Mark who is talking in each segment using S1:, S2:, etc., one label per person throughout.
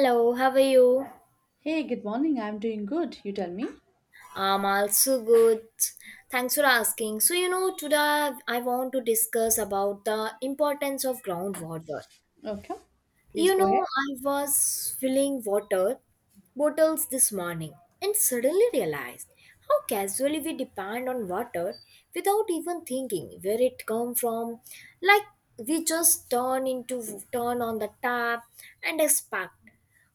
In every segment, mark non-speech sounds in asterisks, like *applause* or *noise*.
S1: Hello, how are you?
S2: Hey, good morning. I'm doing good. You tell me.
S1: I'm also good. Thanks for asking. So, today I want to discuss about the importance of groundwater.
S2: Okay. Please go ahead.
S1: I was filling water bottles this morning and suddenly realized how casually we depend on water without even thinking where it come from. Like we just turn on the tap and expect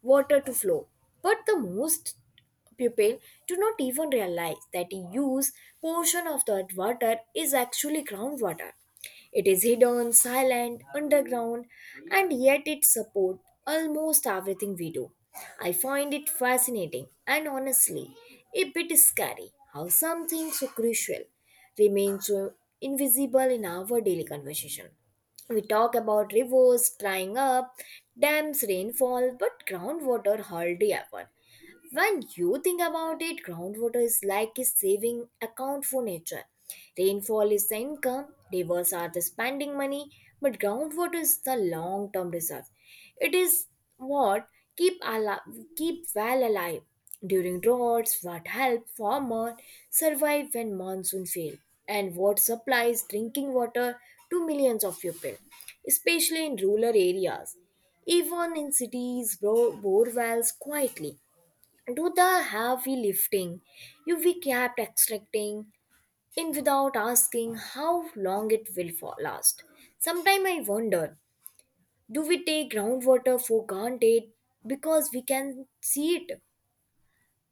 S1: water to flow. But the most people do not even realize that a huge portion of that water is actually groundwater, it is hidden, silent, underground, and yet it supports almost everything we do. I find it fascinating and honestly a bit scary how something so crucial remains so invisible in our daily conversation. We talk about rivers drying up, dams rainfall, but groundwater hardly ever. When you think about it, groundwater is like a saving account for nature. Rainfall is the income, rivers are the spending money, but groundwater is the long term reserve. It is what keep alive, keep well alive during droughts, what help farmers survive when monsoon fail, and what supplies drinking water to millions of people, especially in rural areas. Even in cities, bore wells quietly do the heavy lifting, you we kept extracting in without asking how long it will for last. Sometimes I wonder, do we take groundwater for granted because we can see it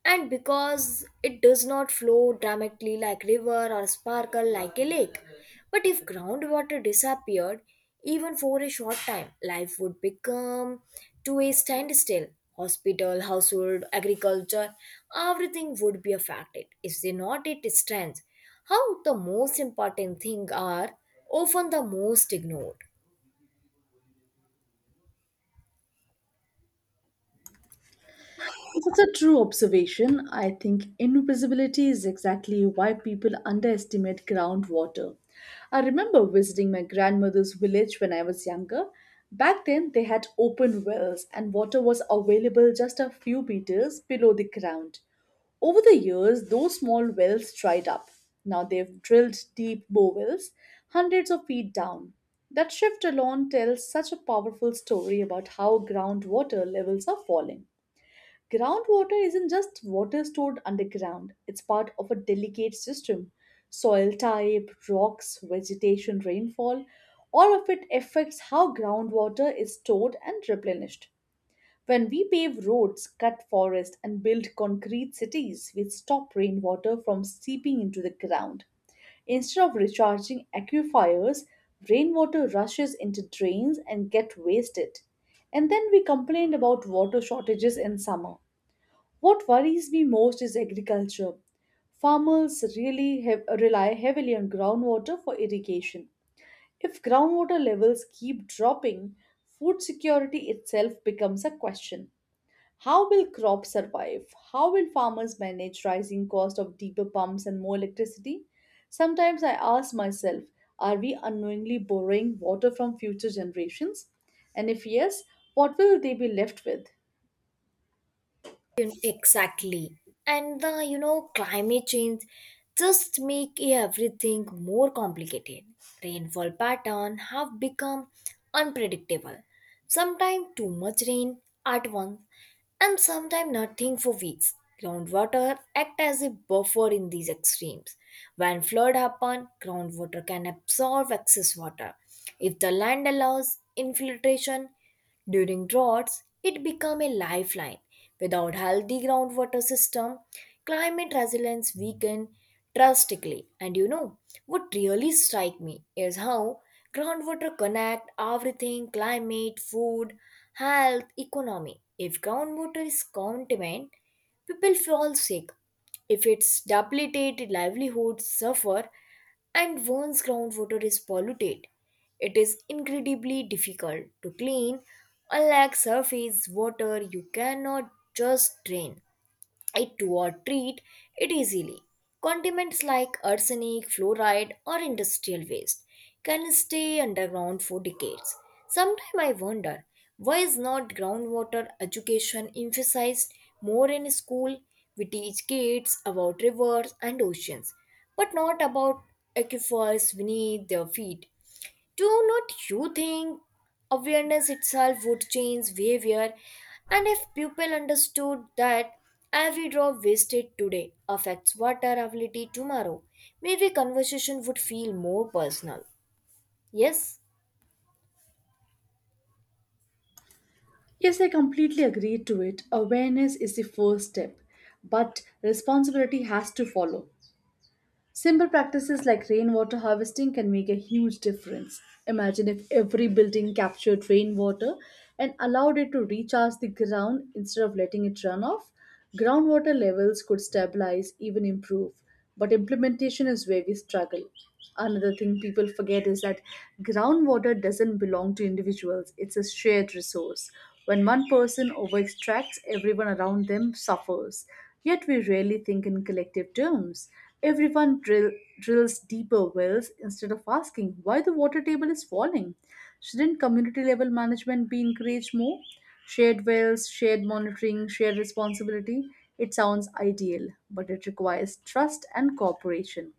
S1: and because it does not flow dramatically like river or sparkle like a lake? But if groundwater disappeared even for a short time life would become to a standstill, hospital household agriculture, everything would be affected if they not it stands how the most important thing are often the most ignored.
S2: It's a true observation. I think invisibility is exactly why people underestimate groundwater. I remember visiting my grandmother's village when I was younger. Back then, they had open wells, and water was available just a few meters below the ground. Over the years, those small wells dried up. Now they've drilled deep bore wells, hundreds of feet down. That shift alone tells such a powerful story about how groundwater levels are falling. Groundwater isn't just water stored underground, it's part of a delicate system. Soil type, rocks, vegetation, rainfall, all of it affects how groundwater is stored and replenished. When we pave roads, cut forests, and build concrete cities, we stop rainwater from seeping into the ground. Instead of recharging aquifers, rainwater rushes into drains and get wasted. And then we complained about water shortages in summer. What worries me most is agriculture. Farmers really rely heavily on groundwater for irrigation. If groundwater levels keep dropping, food security itself becomes a question. How will crops survive? How will farmers manage rising cost of deeper pumps and more electricity? Sometimes I ask myself, are we unknowingly borrowing water from future generations? And if yes, what will they be left with?
S1: Exactly. And the climate change just make everything more complicated. Rainfall pattern have become unpredictable. Sometimes too much rain at once and sometimes nothing for weeks. Groundwater act as a buffer in these extremes. When flood happen, groundwater can absorb excess water. If the land allows infiltration, during droughts, it become a lifeline. Without healthy groundwater system, climate resilience weaken drastically. And what really strike me is how groundwater connect everything, climate, food, health, economy. If groundwater is contaminated, people fall sick. If it's depleted, livelihoods suffer, and once groundwater is polluted, it is incredibly difficult to clean, unlike surface water, you cannot just drain it to or treat it easily. Condiments like arsenic, fluoride, or industrial waste can stay underground for decades. Sometimes I wonder why is not groundwater education emphasized more in school? We teach kids about rivers and oceans, but not about aquifers beneath their feet. Do not you think awareness itself would change behavior? And if people understood that every drop wasted today affects water availability tomorrow, maybe conversation would feel more personal. Yes?
S2: Yes, I completely agree to it. Awareness is the first step, but responsibility has to follow. Simple practices like rainwater harvesting can make a huge difference. Imagine if every building captured rainwater and allowed it to recharge the ground instead of letting it run off. Groundwater levels could stabilize, even improve, but implementation is where we struggle. Another thing people forget is that groundwater doesn't belong to individuals, it's a shared resource. When one person overextracts, everyone around them suffers. Yet we rarely think in collective terms. Everyone drills deeper wells instead of asking why the water table is falling. Shouldn't community level management be encouraged more? Shared wells, shared monitoring, shared responsibility. It sounds ideal, but it requires trust and cooperation.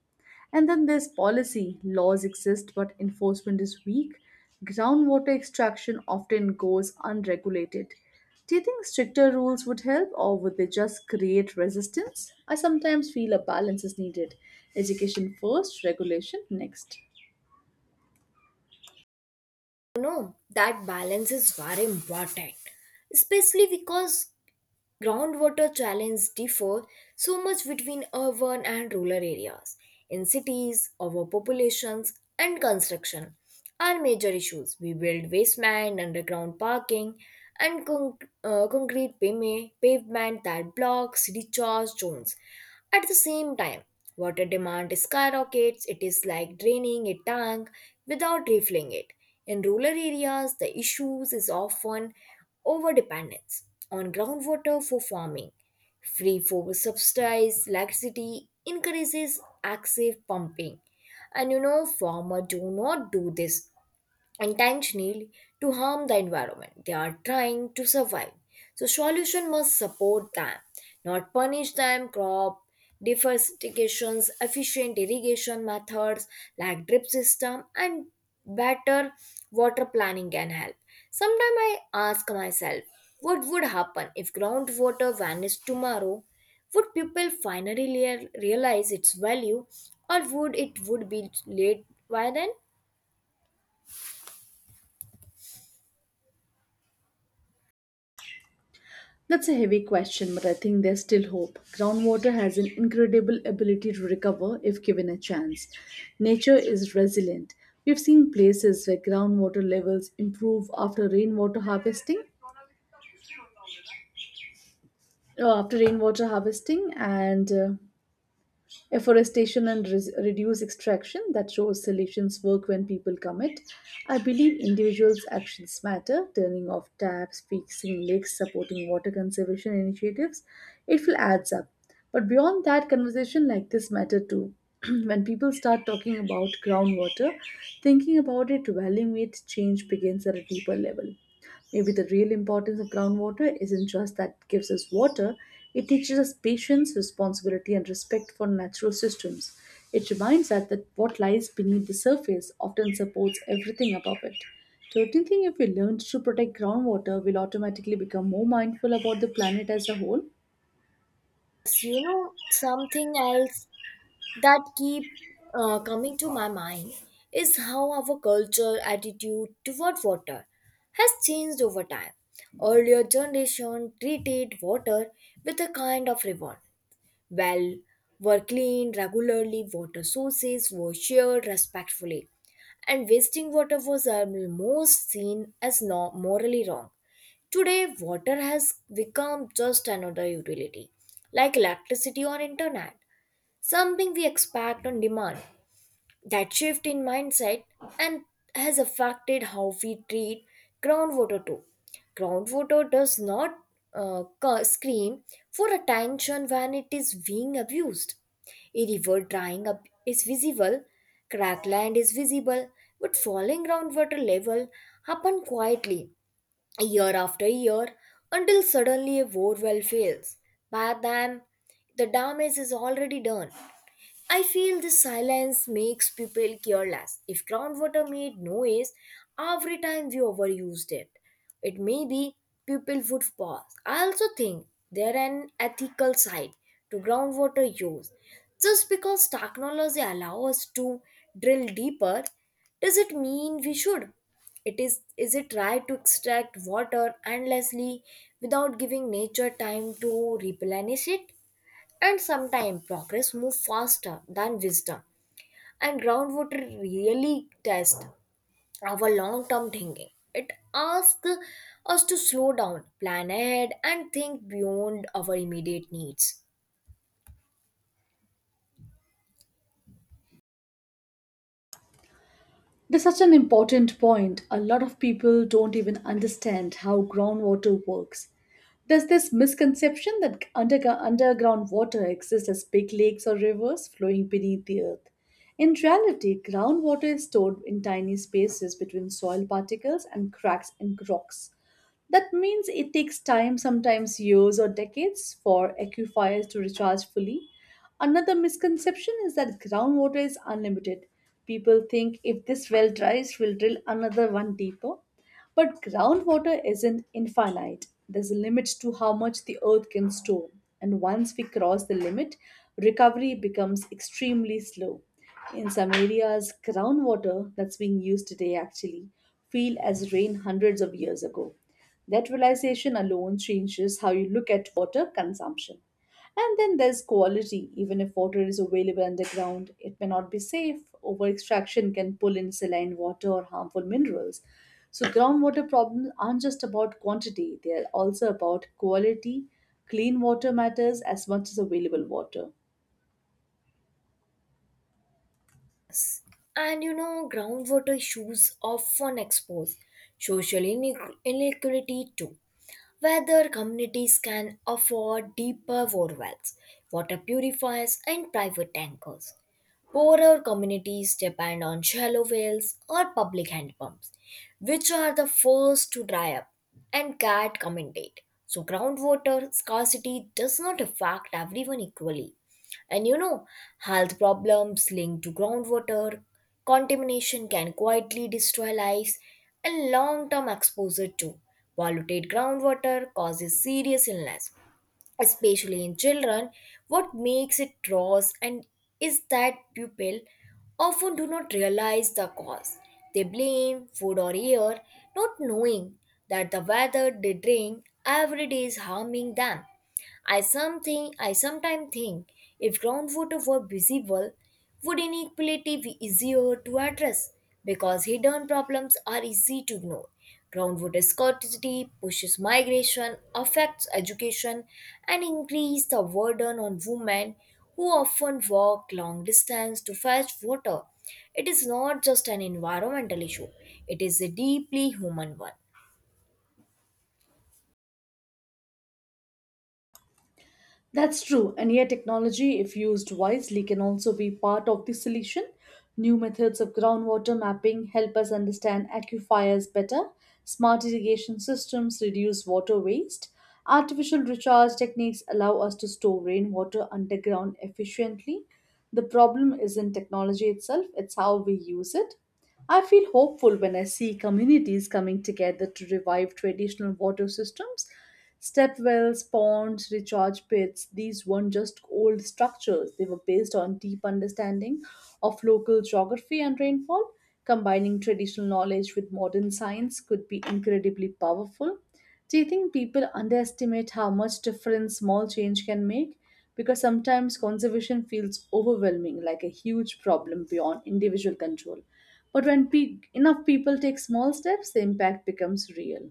S2: And then there's policy. Laws exist, but enforcement is weak. Groundwater extraction often goes unregulated. Do you think stricter rules would help, or would they just create resistance? I sometimes feel a balance is needed education first, regulation next.
S1: No, that balance is very important, especially because groundwater challenges differ so much between urban and rural areas. In cities, overpopulations and construction are major issues. We build basement, underground parking, and concrete pavement that blocks recharge zones. At the same time, water demand skyrockets. It is like draining a tank without refilling it. In rural areas, the issues is often overdependence on groundwater for farming, free for subsidized electricity encourages excessive pumping. And farmers do not do this intentionally to harm the environment, they are trying to survive, so solution must support them not punish them, crop diversifications efficient irrigation methods like drip system and better water planning can help. Sometimes I ask myself what would happen if groundwater vanished tomorrow, would people finally realize its value or would it would be late by then?
S2: That's a heavy question, but I think there's still hope. Groundwater has an incredible ability to recover if given a chance. Nature is resilient. We've seen places where groundwater levels improve after rainwater harvesting, and afforestation and reduce extraction that shows solutions work when people commit. I believe individuals' actions matter, turning off taps, fixing leaks, supporting water conservation initiatives. It will adds up. But beyond that, conversation like this matter too. *clears throat* When people start talking about groundwater, thinking about it, valuing it, change begins at a deeper level. Maybe the real importance of groundwater isn't just that it gives us water, it teaches us patience, responsibility, and respect for natural systems. It reminds us that what lies beneath the surface often supports everything above it. Don't you think if we learn to protect groundwater, we'll automatically become more mindful about the planet as a whole?
S1: Yes, you know something else that keep coming to my mind is how our culture attitude toward water has changed over time, earlier generation treated water with a kind of reward, well, were cleaned regularly, water sources were shared respectfully, and wasting water was almost seen as morally wrong. Today, water has become just another utility, like electricity or internet, something we expect on demand. That shift in mindset and has affected how we treat groundwater too. Groundwater does not scream for attention when it is being abused. A river drying up is visible, cracked land is visible, but falling groundwater level happen quietly year after year until suddenly a borewell fails. By then, the damage is already done. I feel the silence makes people careless. If groundwater made noise every time we overused it, it may be people would pause. I also think there an ethical side to groundwater use. Just because technology allows us to drill deeper, does it mean we should? It is it right to extract water endlessly without giving nature time to replenish it? And sometimes progress moves faster than wisdom. And groundwater really tests our long term thinking. It asks us to slow down, plan ahead, and think beyond our immediate needs.
S2: That's such an important point. A lot of people don't even understand how groundwater works. There's this misconception that underground water exists as big lakes or rivers flowing beneath the earth. In reality, groundwater is stored in tiny spaces between soil particles and cracks in rocks. That means it takes time, sometimes years or decades, for aquifers to recharge fully. Another misconception is that groundwater is unlimited. People think if this well dries, we'll drill another one deeper. But groundwater isn't infinite. There's a limit to how much the earth can store. And once we cross the limit, recovery becomes extremely slow. In some areas, groundwater that's being used today actually feel as rain hundreds of years ago. That realization alone changes how you look at water consumption. And then there's quality. Even if water is available underground, it may not be safe. Over extraction can pull in saline water or harmful minerals. So, groundwater problems aren't just about quantity, they are also about quality. Clean water matters as much as available water.
S1: And groundwater issues often expose social inequality too, whether communities can afford deeper bore wells, water purifiers, and private tankers. Poorer communities depend on shallow wells or public hand pumps, which are the first to dry up and get contaminated. So, groundwater scarcity does not affect everyone equally. And health problems linked to groundwater contamination can quietly destroy lives and long term exposure to polluted groundwater causes serious illness especially in children, what makes it gross and is that people often do not realize the cause. They blame food or air, not knowing that the weather they drink every day is harming them. I sometimes think if groundwater were visible, would inequality be easier to address? Because hidden problems are easy to ignore. Groundwater scarcity pushes migration, affects education, and increases the burden on women who often walk long distance to fetch water. It is not just an environmental issue, it is a deeply human one.
S2: That's true, and yet technology, if used wisely, can also be part of the solution. New methods of groundwater mapping help us understand aquifers better, smart irrigation systems reduce water waste, artificial recharge techniques allow us to store rainwater underground efficiently. The problem isn't technology itself, it's how we use it. I feel hopeful when I see communities coming together to revive traditional water systems. Step wells, ponds, recharge pits, these weren't just old structures. They were based on deep understanding of local geography and rainfall. Combining traditional knowledge with modern science could be incredibly powerful. Do you think people underestimate how much difference small change can make? Because sometimes conservation feels overwhelming, like a huge problem beyond individual control. But when enough people take small steps, the impact becomes real.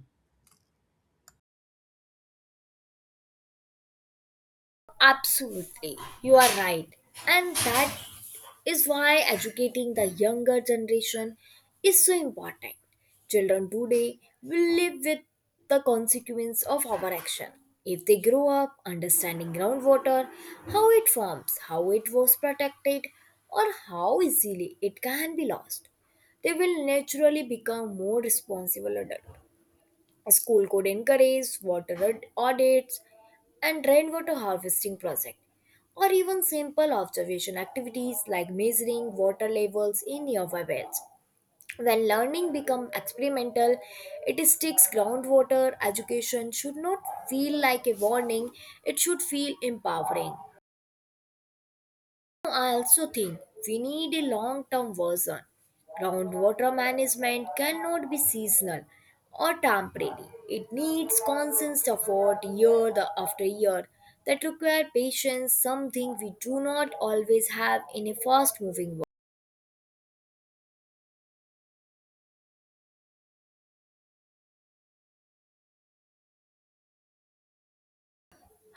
S1: Absolutely, you are right. And that is why educating the younger generation is so important. Children today will live with the consequence of our action. If they grow up understanding groundwater, how it forms, how it was protected, or how easily it can be lost, they will naturally become more responsible adults. A school could encourage water audits and rainwater harvesting projects, or even simple observation activities like measuring water levels in nearby wells. When learning becomes experimental, it sticks. Groundwater education should not feel like a warning, it should feel empowering. I also think we need a long term version. Groundwater management cannot be seasonal or temporary. It needs constant effort year after year, that require patience, something we do not always have in a fast moving world.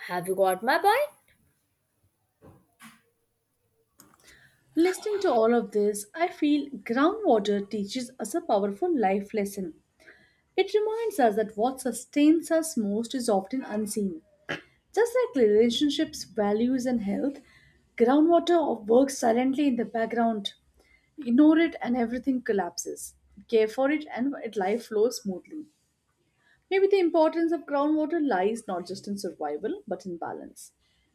S1: Have you got my point?
S2: Listening to all of this, I feel groundwater teaches us a powerful life lesson. It reminds us that what sustains us most is often unseen. Just like relationships, values, and health, groundwater works silently in the background. Ignore it and everything collapses. Care for it and it life flows smoothly. Maybe the importance of groundwater lies not just in survival but in balance.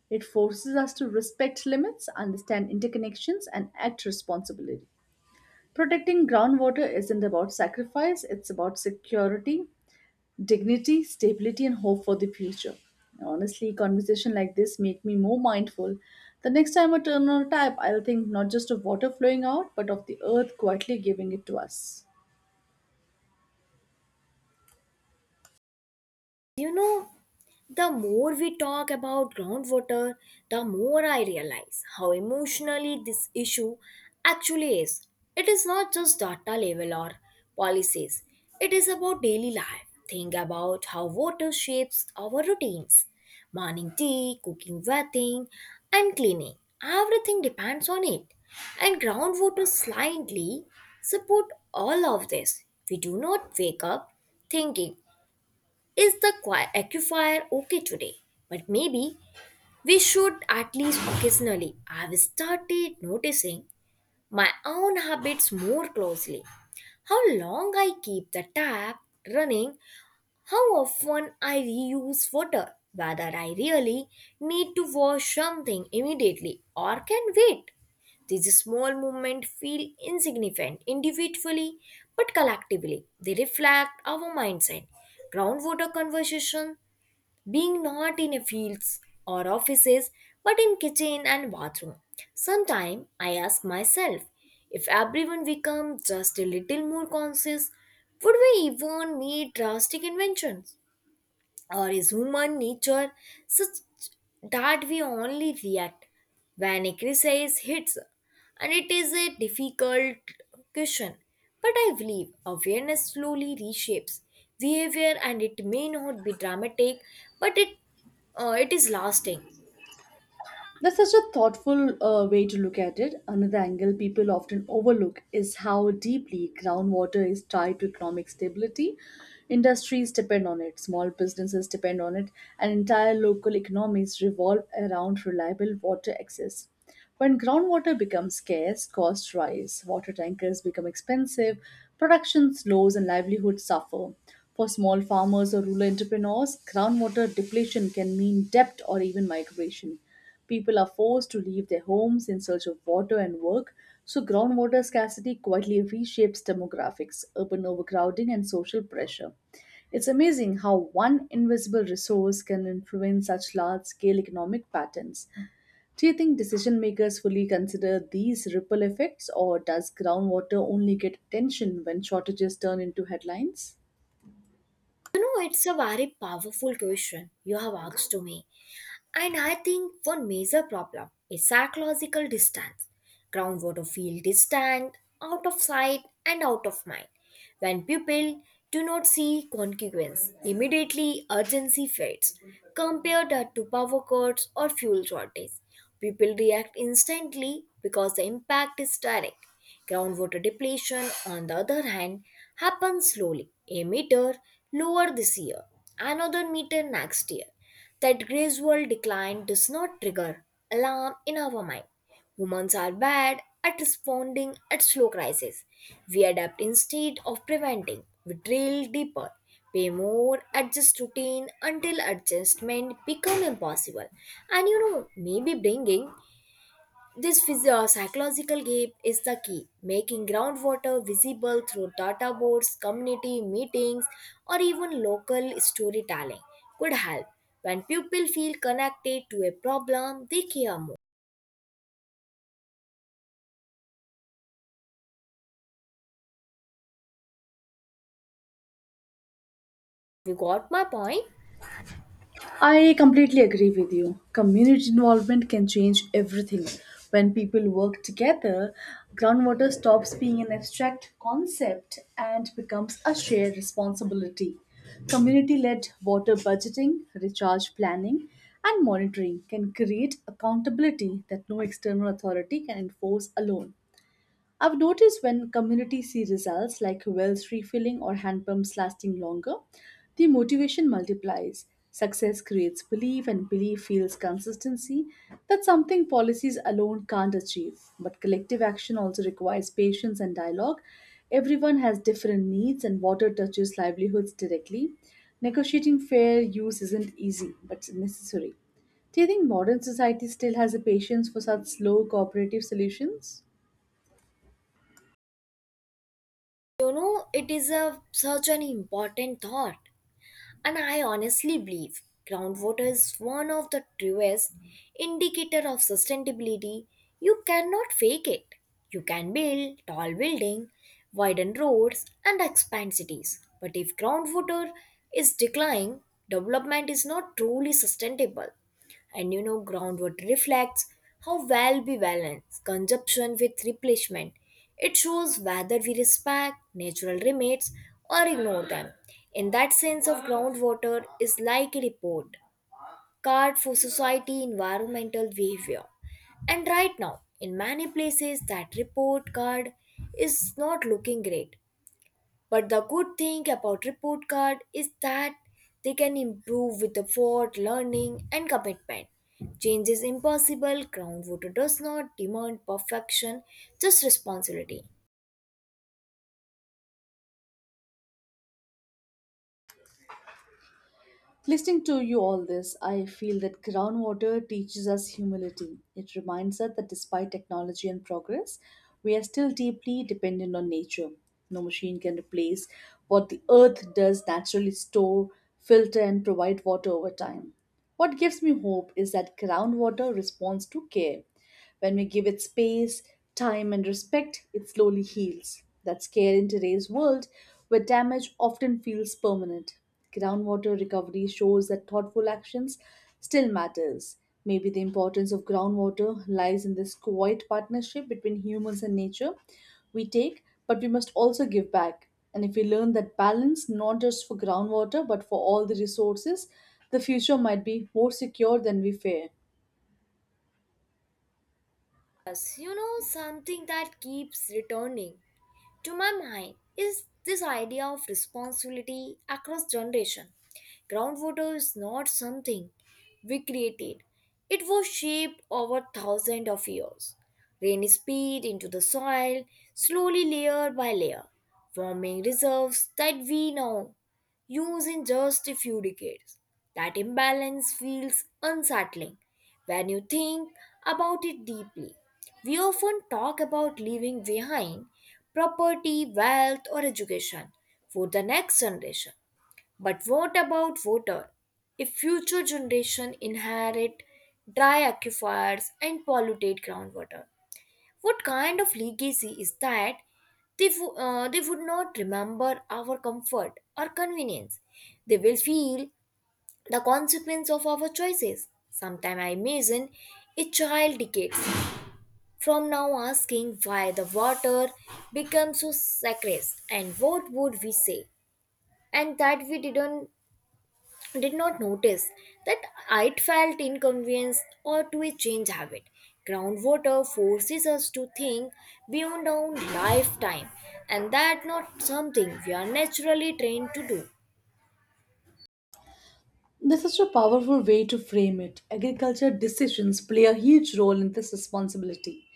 S2: It forces us to respect limits, understand interconnections, and act responsibly. Protecting groundwater isn't about sacrifice, it's about security, dignity, stability, and hope for the future. Honestly, conversation like this make me more mindful. The next time I turn on a tap, I'll think not just of water flowing out, but of the earth quietly giving it to us.
S1: You know, the more we talk about groundwater, the more I realize how emotionally this issue actually is. It is not just data level or policies, it is about daily life. Think about how water shapes our routines, morning tea, cooking, bathing, and cleaning. Everything depends on it. And groundwater slightly support all of this. We do not wake up thinking, is the aquifer okay today? But maybe we should at least occasionally. I've started noticing my own habits more closely. How long I keep the tap running, how often I reuse water, whether I really need to wash something immediately or can wait. These small movements feel insignificant individually, but collectively they reflect our mindset. Groundwater conversation being not in a fields or offices but in kitchen and bathroom, sometimes I ask myself, if everyone become just a little more conscious would we even need drastic inventions or is human nature such that we only react when a crisis hits? And it is a difficult question, but I believe awareness slowly reshapes behavior and it may not be dramatic, but it is lasting.
S2: That's such a thoughtful way to look at it. Another angle people often overlook is how deeply groundwater is tied to economic stability. Industries depend on it, small businesses depend on it, and entire local economies revolve around reliable water access. When groundwater becomes scarce, costs rise, water tankers become expensive, production slows, and livelihoods suffer. For small farmers or rural entrepreneurs, groundwater depletion can mean debt or even migration. People are forced to leave their homes in search of water and work, so groundwater scarcity quietly reshapes demographics, urban overcrowding, and social pressure. It's amazing how one invisible resource can influence such large scale economic patterns. Do you think decision makers fully consider these ripple effects, or does groundwater only get attention when shortages turn into headlines?
S1: You know, it's a very powerful question you have asked to me. And I think one major problem is psychological distance. Groundwater feel distant, out of sight and out of mind. When people do not see consequence, immediately urgency fades, compared to power cuts or fuel shortage. People react instantly because the impact is direct. Groundwater depletion, on the other hand, happens slowly. A meter lower this year, another meter next year. That gradual decline does not trigger alarm in our mind. Humans are bad at responding at slow crises. We adapt instead of preventing. We drill deeper, pay more, adjust routine until adjustment become impossible. And maybe bringing this psychological gap is the key. Making groundwater visible through data boards, community meetings, or even local storytelling could help. When people feel connected to a problem, they care more. You got my point?
S2: I completely agree with you. Community involvement can change everything. When people work together, groundwater stops being an abstract concept and becomes a shared responsibility. Community led water budgeting, recharge planning, and monitoring can create accountability that no external authority can enforce alone. I've noticed when communities see results like wells refilling or hand pumps lasting longer, the motivation multiplies. Success creates belief, and belief fuels consistency. That's something policies alone can't achieve. But collective action also requires patience and dialogue. Everyone has different needs, and water touches livelihoods directly. Negotiating fair use isn't easy, but it's necessary. Do you think modern society still has the patience for such slow cooperative solutions?
S1: You know, it is a such an important thought, and I honestly believe groundwater is one of the truest indicator of sustainability. You cannot fake it. You can build tall building, widen roads, and expand cities. But if groundwater is declining, development is not truly sustainable. And you know Groundwater reflects how well we balance consumption with replenishment. It shows whether we respect natural limits or ignore them. In that sense of groundwater is like a report card for society environmental behavior, and right now in many places that report card is not looking great. But the good thing about report card is that they can improve with effort, learning, and commitment. Change is impossible. Groundwater does not demand perfection, just responsibility.
S2: Listening to you all this, I feel that groundwater teaches us humility. It reminds us that despite technology and progress, we are still deeply dependent on nature. No machine can replace what the earth does naturally store, filter, and provide water over time. What gives me hope is that groundwater responds to care. When we give it space, time, and respect, it slowly heals. That's care in today's world, where damage often feels permanent. Groundwater recovery shows that thoughtful actions still matters. Maybe the importance of groundwater lies in this quiet partnership between humans and nature. We take, but we must also give back. And if we learn that balance, not just for groundwater, but for all the resources, the future might be more secure than we fear.
S1: Yes, something that keeps returning to my mind is this idea of responsibility across generation. Groundwater is not something we created. It was shaped over thousands of years. Rain is peed into the soil, slowly layer by layer, forming reserves that we know use in just a few decades. That imbalance feels unsettling when you think about it deeply. We often talk about leaving behind property, wealth, or education for the next generation. But what about water? If future generations inherit dry aquifers and polluted groundwater, what kind of legacy is that? They would not remember our comfort or convenience. They will feel the consequence of our choices. Sometime I imagine a child decades from now asking why the water became so sacred, and what would we say? And that we did not notice that it felt inconvenienced or to a change habit. Groundwater forces us to think beyond our lifetime, and that not something we are naturally trained to do.
S2: This is a powerful way to frame it. Agriculture decisions play a huge role in this responsibility.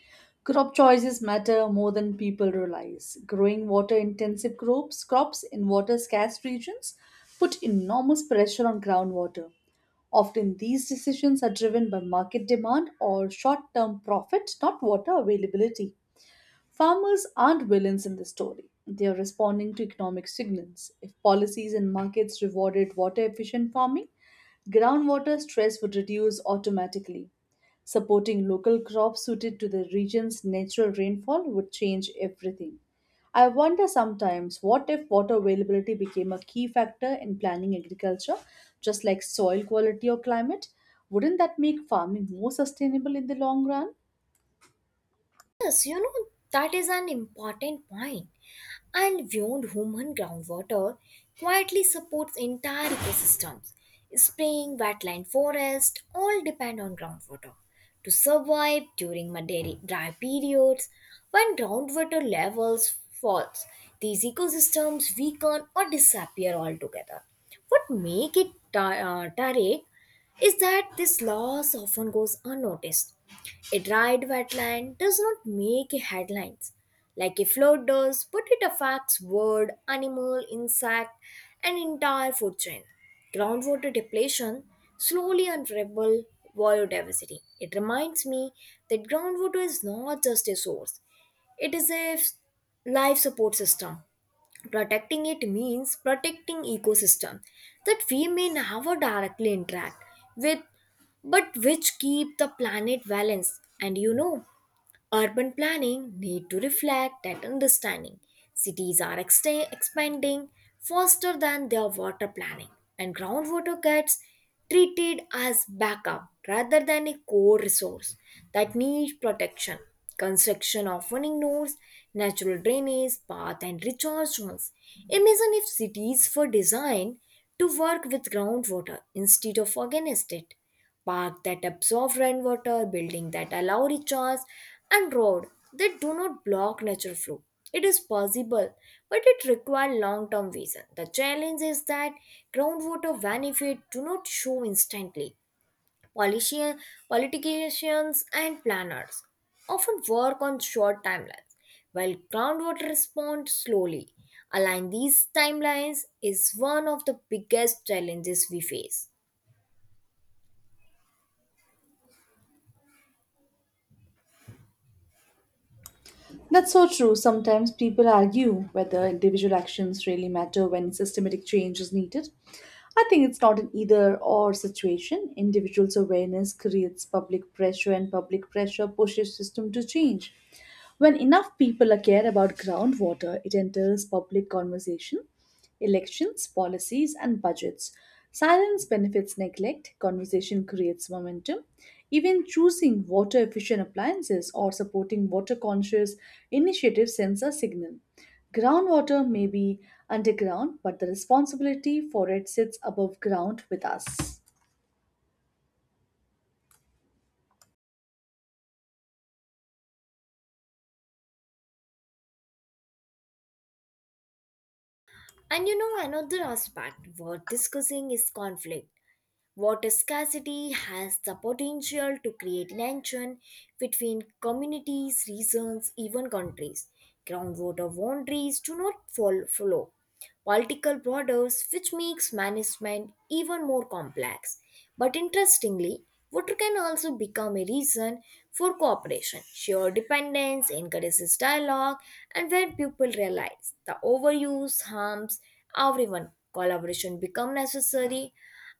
S2: Crop choices matter more than people realize. Growing water intensive crops, crops in water scarce regions put enormous pressure on groundwater. Often these decisions are driven by market demand or short term profit, not water availability. Farmers aren't villains in the story. They are responding to economic signals. If policies and markets rewarded water efficient farming, groundwater stress would reduce automatically. Supporting local crops suited to the region's natural rainfall would change everything. I wonder sometimes what if water availability became a key factor in planning agriculture, just like soil quality or climate? Wouldn't that make farming more sustainable in the long run?
S1: Yes, that is an important point. And beyond human groundwater quietly supports entire ecosystems. Spring, wetland, forest all depend on groundwater to survive during muddy dry periods. When groundwater levels falls, these ecosystems weaken or disappear altogether. What make it taric is that this loss often goes unnoticed. A dried wetland does not make headlines like a flood does, but it affects bird, animal, insect, and entire food chain. Groundwater depletion slowly unravel biodiversity. It reminds me that groundwater is not just a source; it is a life support system. Protecting it means protecting ecosystem that we may never directly interact with, but which keep the planet balanced. And you know Urban planning need to reflect that understanding. Cities are expanding faster than their water planning, and groundwater gets treated as backup rather than a core resource that needs protection. Construction often ignores natural drainage, path, and recharge zones. Imagine if cities were designed to work with groundwater instead of against it, park that absorb rainwater, building that allow recharge, and road that do not block natural flow. It is possible, but it requires long-term vision. The challenge is that groundwater benefit do not show instantly. Policia- Politicians and planners often work on short timelines, while groundwater responds slowly. Align these timelines is one of the biggest challenges we face.
S2: That's so true. Sometimes people argue whether individual actions really matter when systematic change is needed. I think it's not an either or situation. Individuals' awareness creates public pressure, and public pressure pushes system to change. When enough people are care about groundwater, it enters public conversation. Elections, policies, and budgets. Silence benefits neglect, conversation creates momentum. Even choosing water efficient appliances or supporting water conscious initiatives sends a signal. Groundwater may be underground, but the responsibility for it sits above ground with us.
S1: Another aspect worth discussing is conflict. Water scarcity has the potential to create tension between communities, regions, even countries. Groundwater boundaries do not follow political borders, which makes management even more complex. But interestingly, water can also become a reason for cooperation. Shared dependence encourages dialogue, and when people realize the overuse harms everyone, collaboration becomes necessary.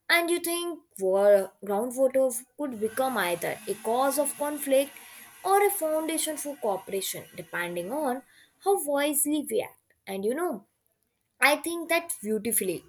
S1: And you think groundwater could become either a cause of conflict or a foundation for cooperation, depending on how wisely we act. I think that beautifully.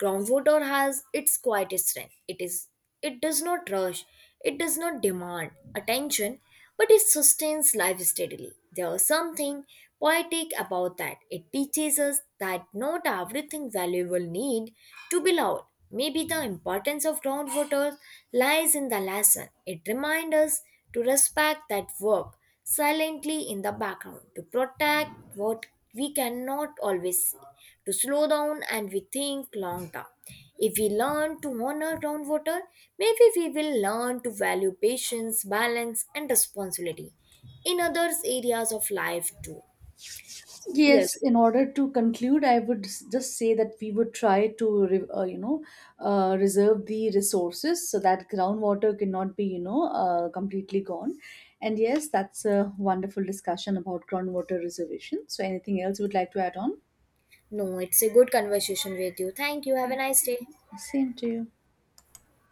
S1: Groundwater has its quiet strength. It does not rush, it does not demand attention, but it sustains life steadily. There is something poetic about that. It teaches us that not everything valuable need to be loud. Maybe the importance of groundwater lies in the lesson. It reminds us to respect that work silently in the background, to protect what we cannot always see, to slow down and we think long term. If we learn to honor groundwater, maybe we will learn to value patience balance and responsibility in other areas of life too. Yes.
S2: Yes, in order to conclude, I would just say that we would try to, reserve the resources so that groundwater cannot be, completely gone. And yes, that's a wonderful discussion about groundwater reservation. So, anything else you would like to add on?
S1: No, it's a good conversation with you. Thank you, have a nice day.
S2: Same to you.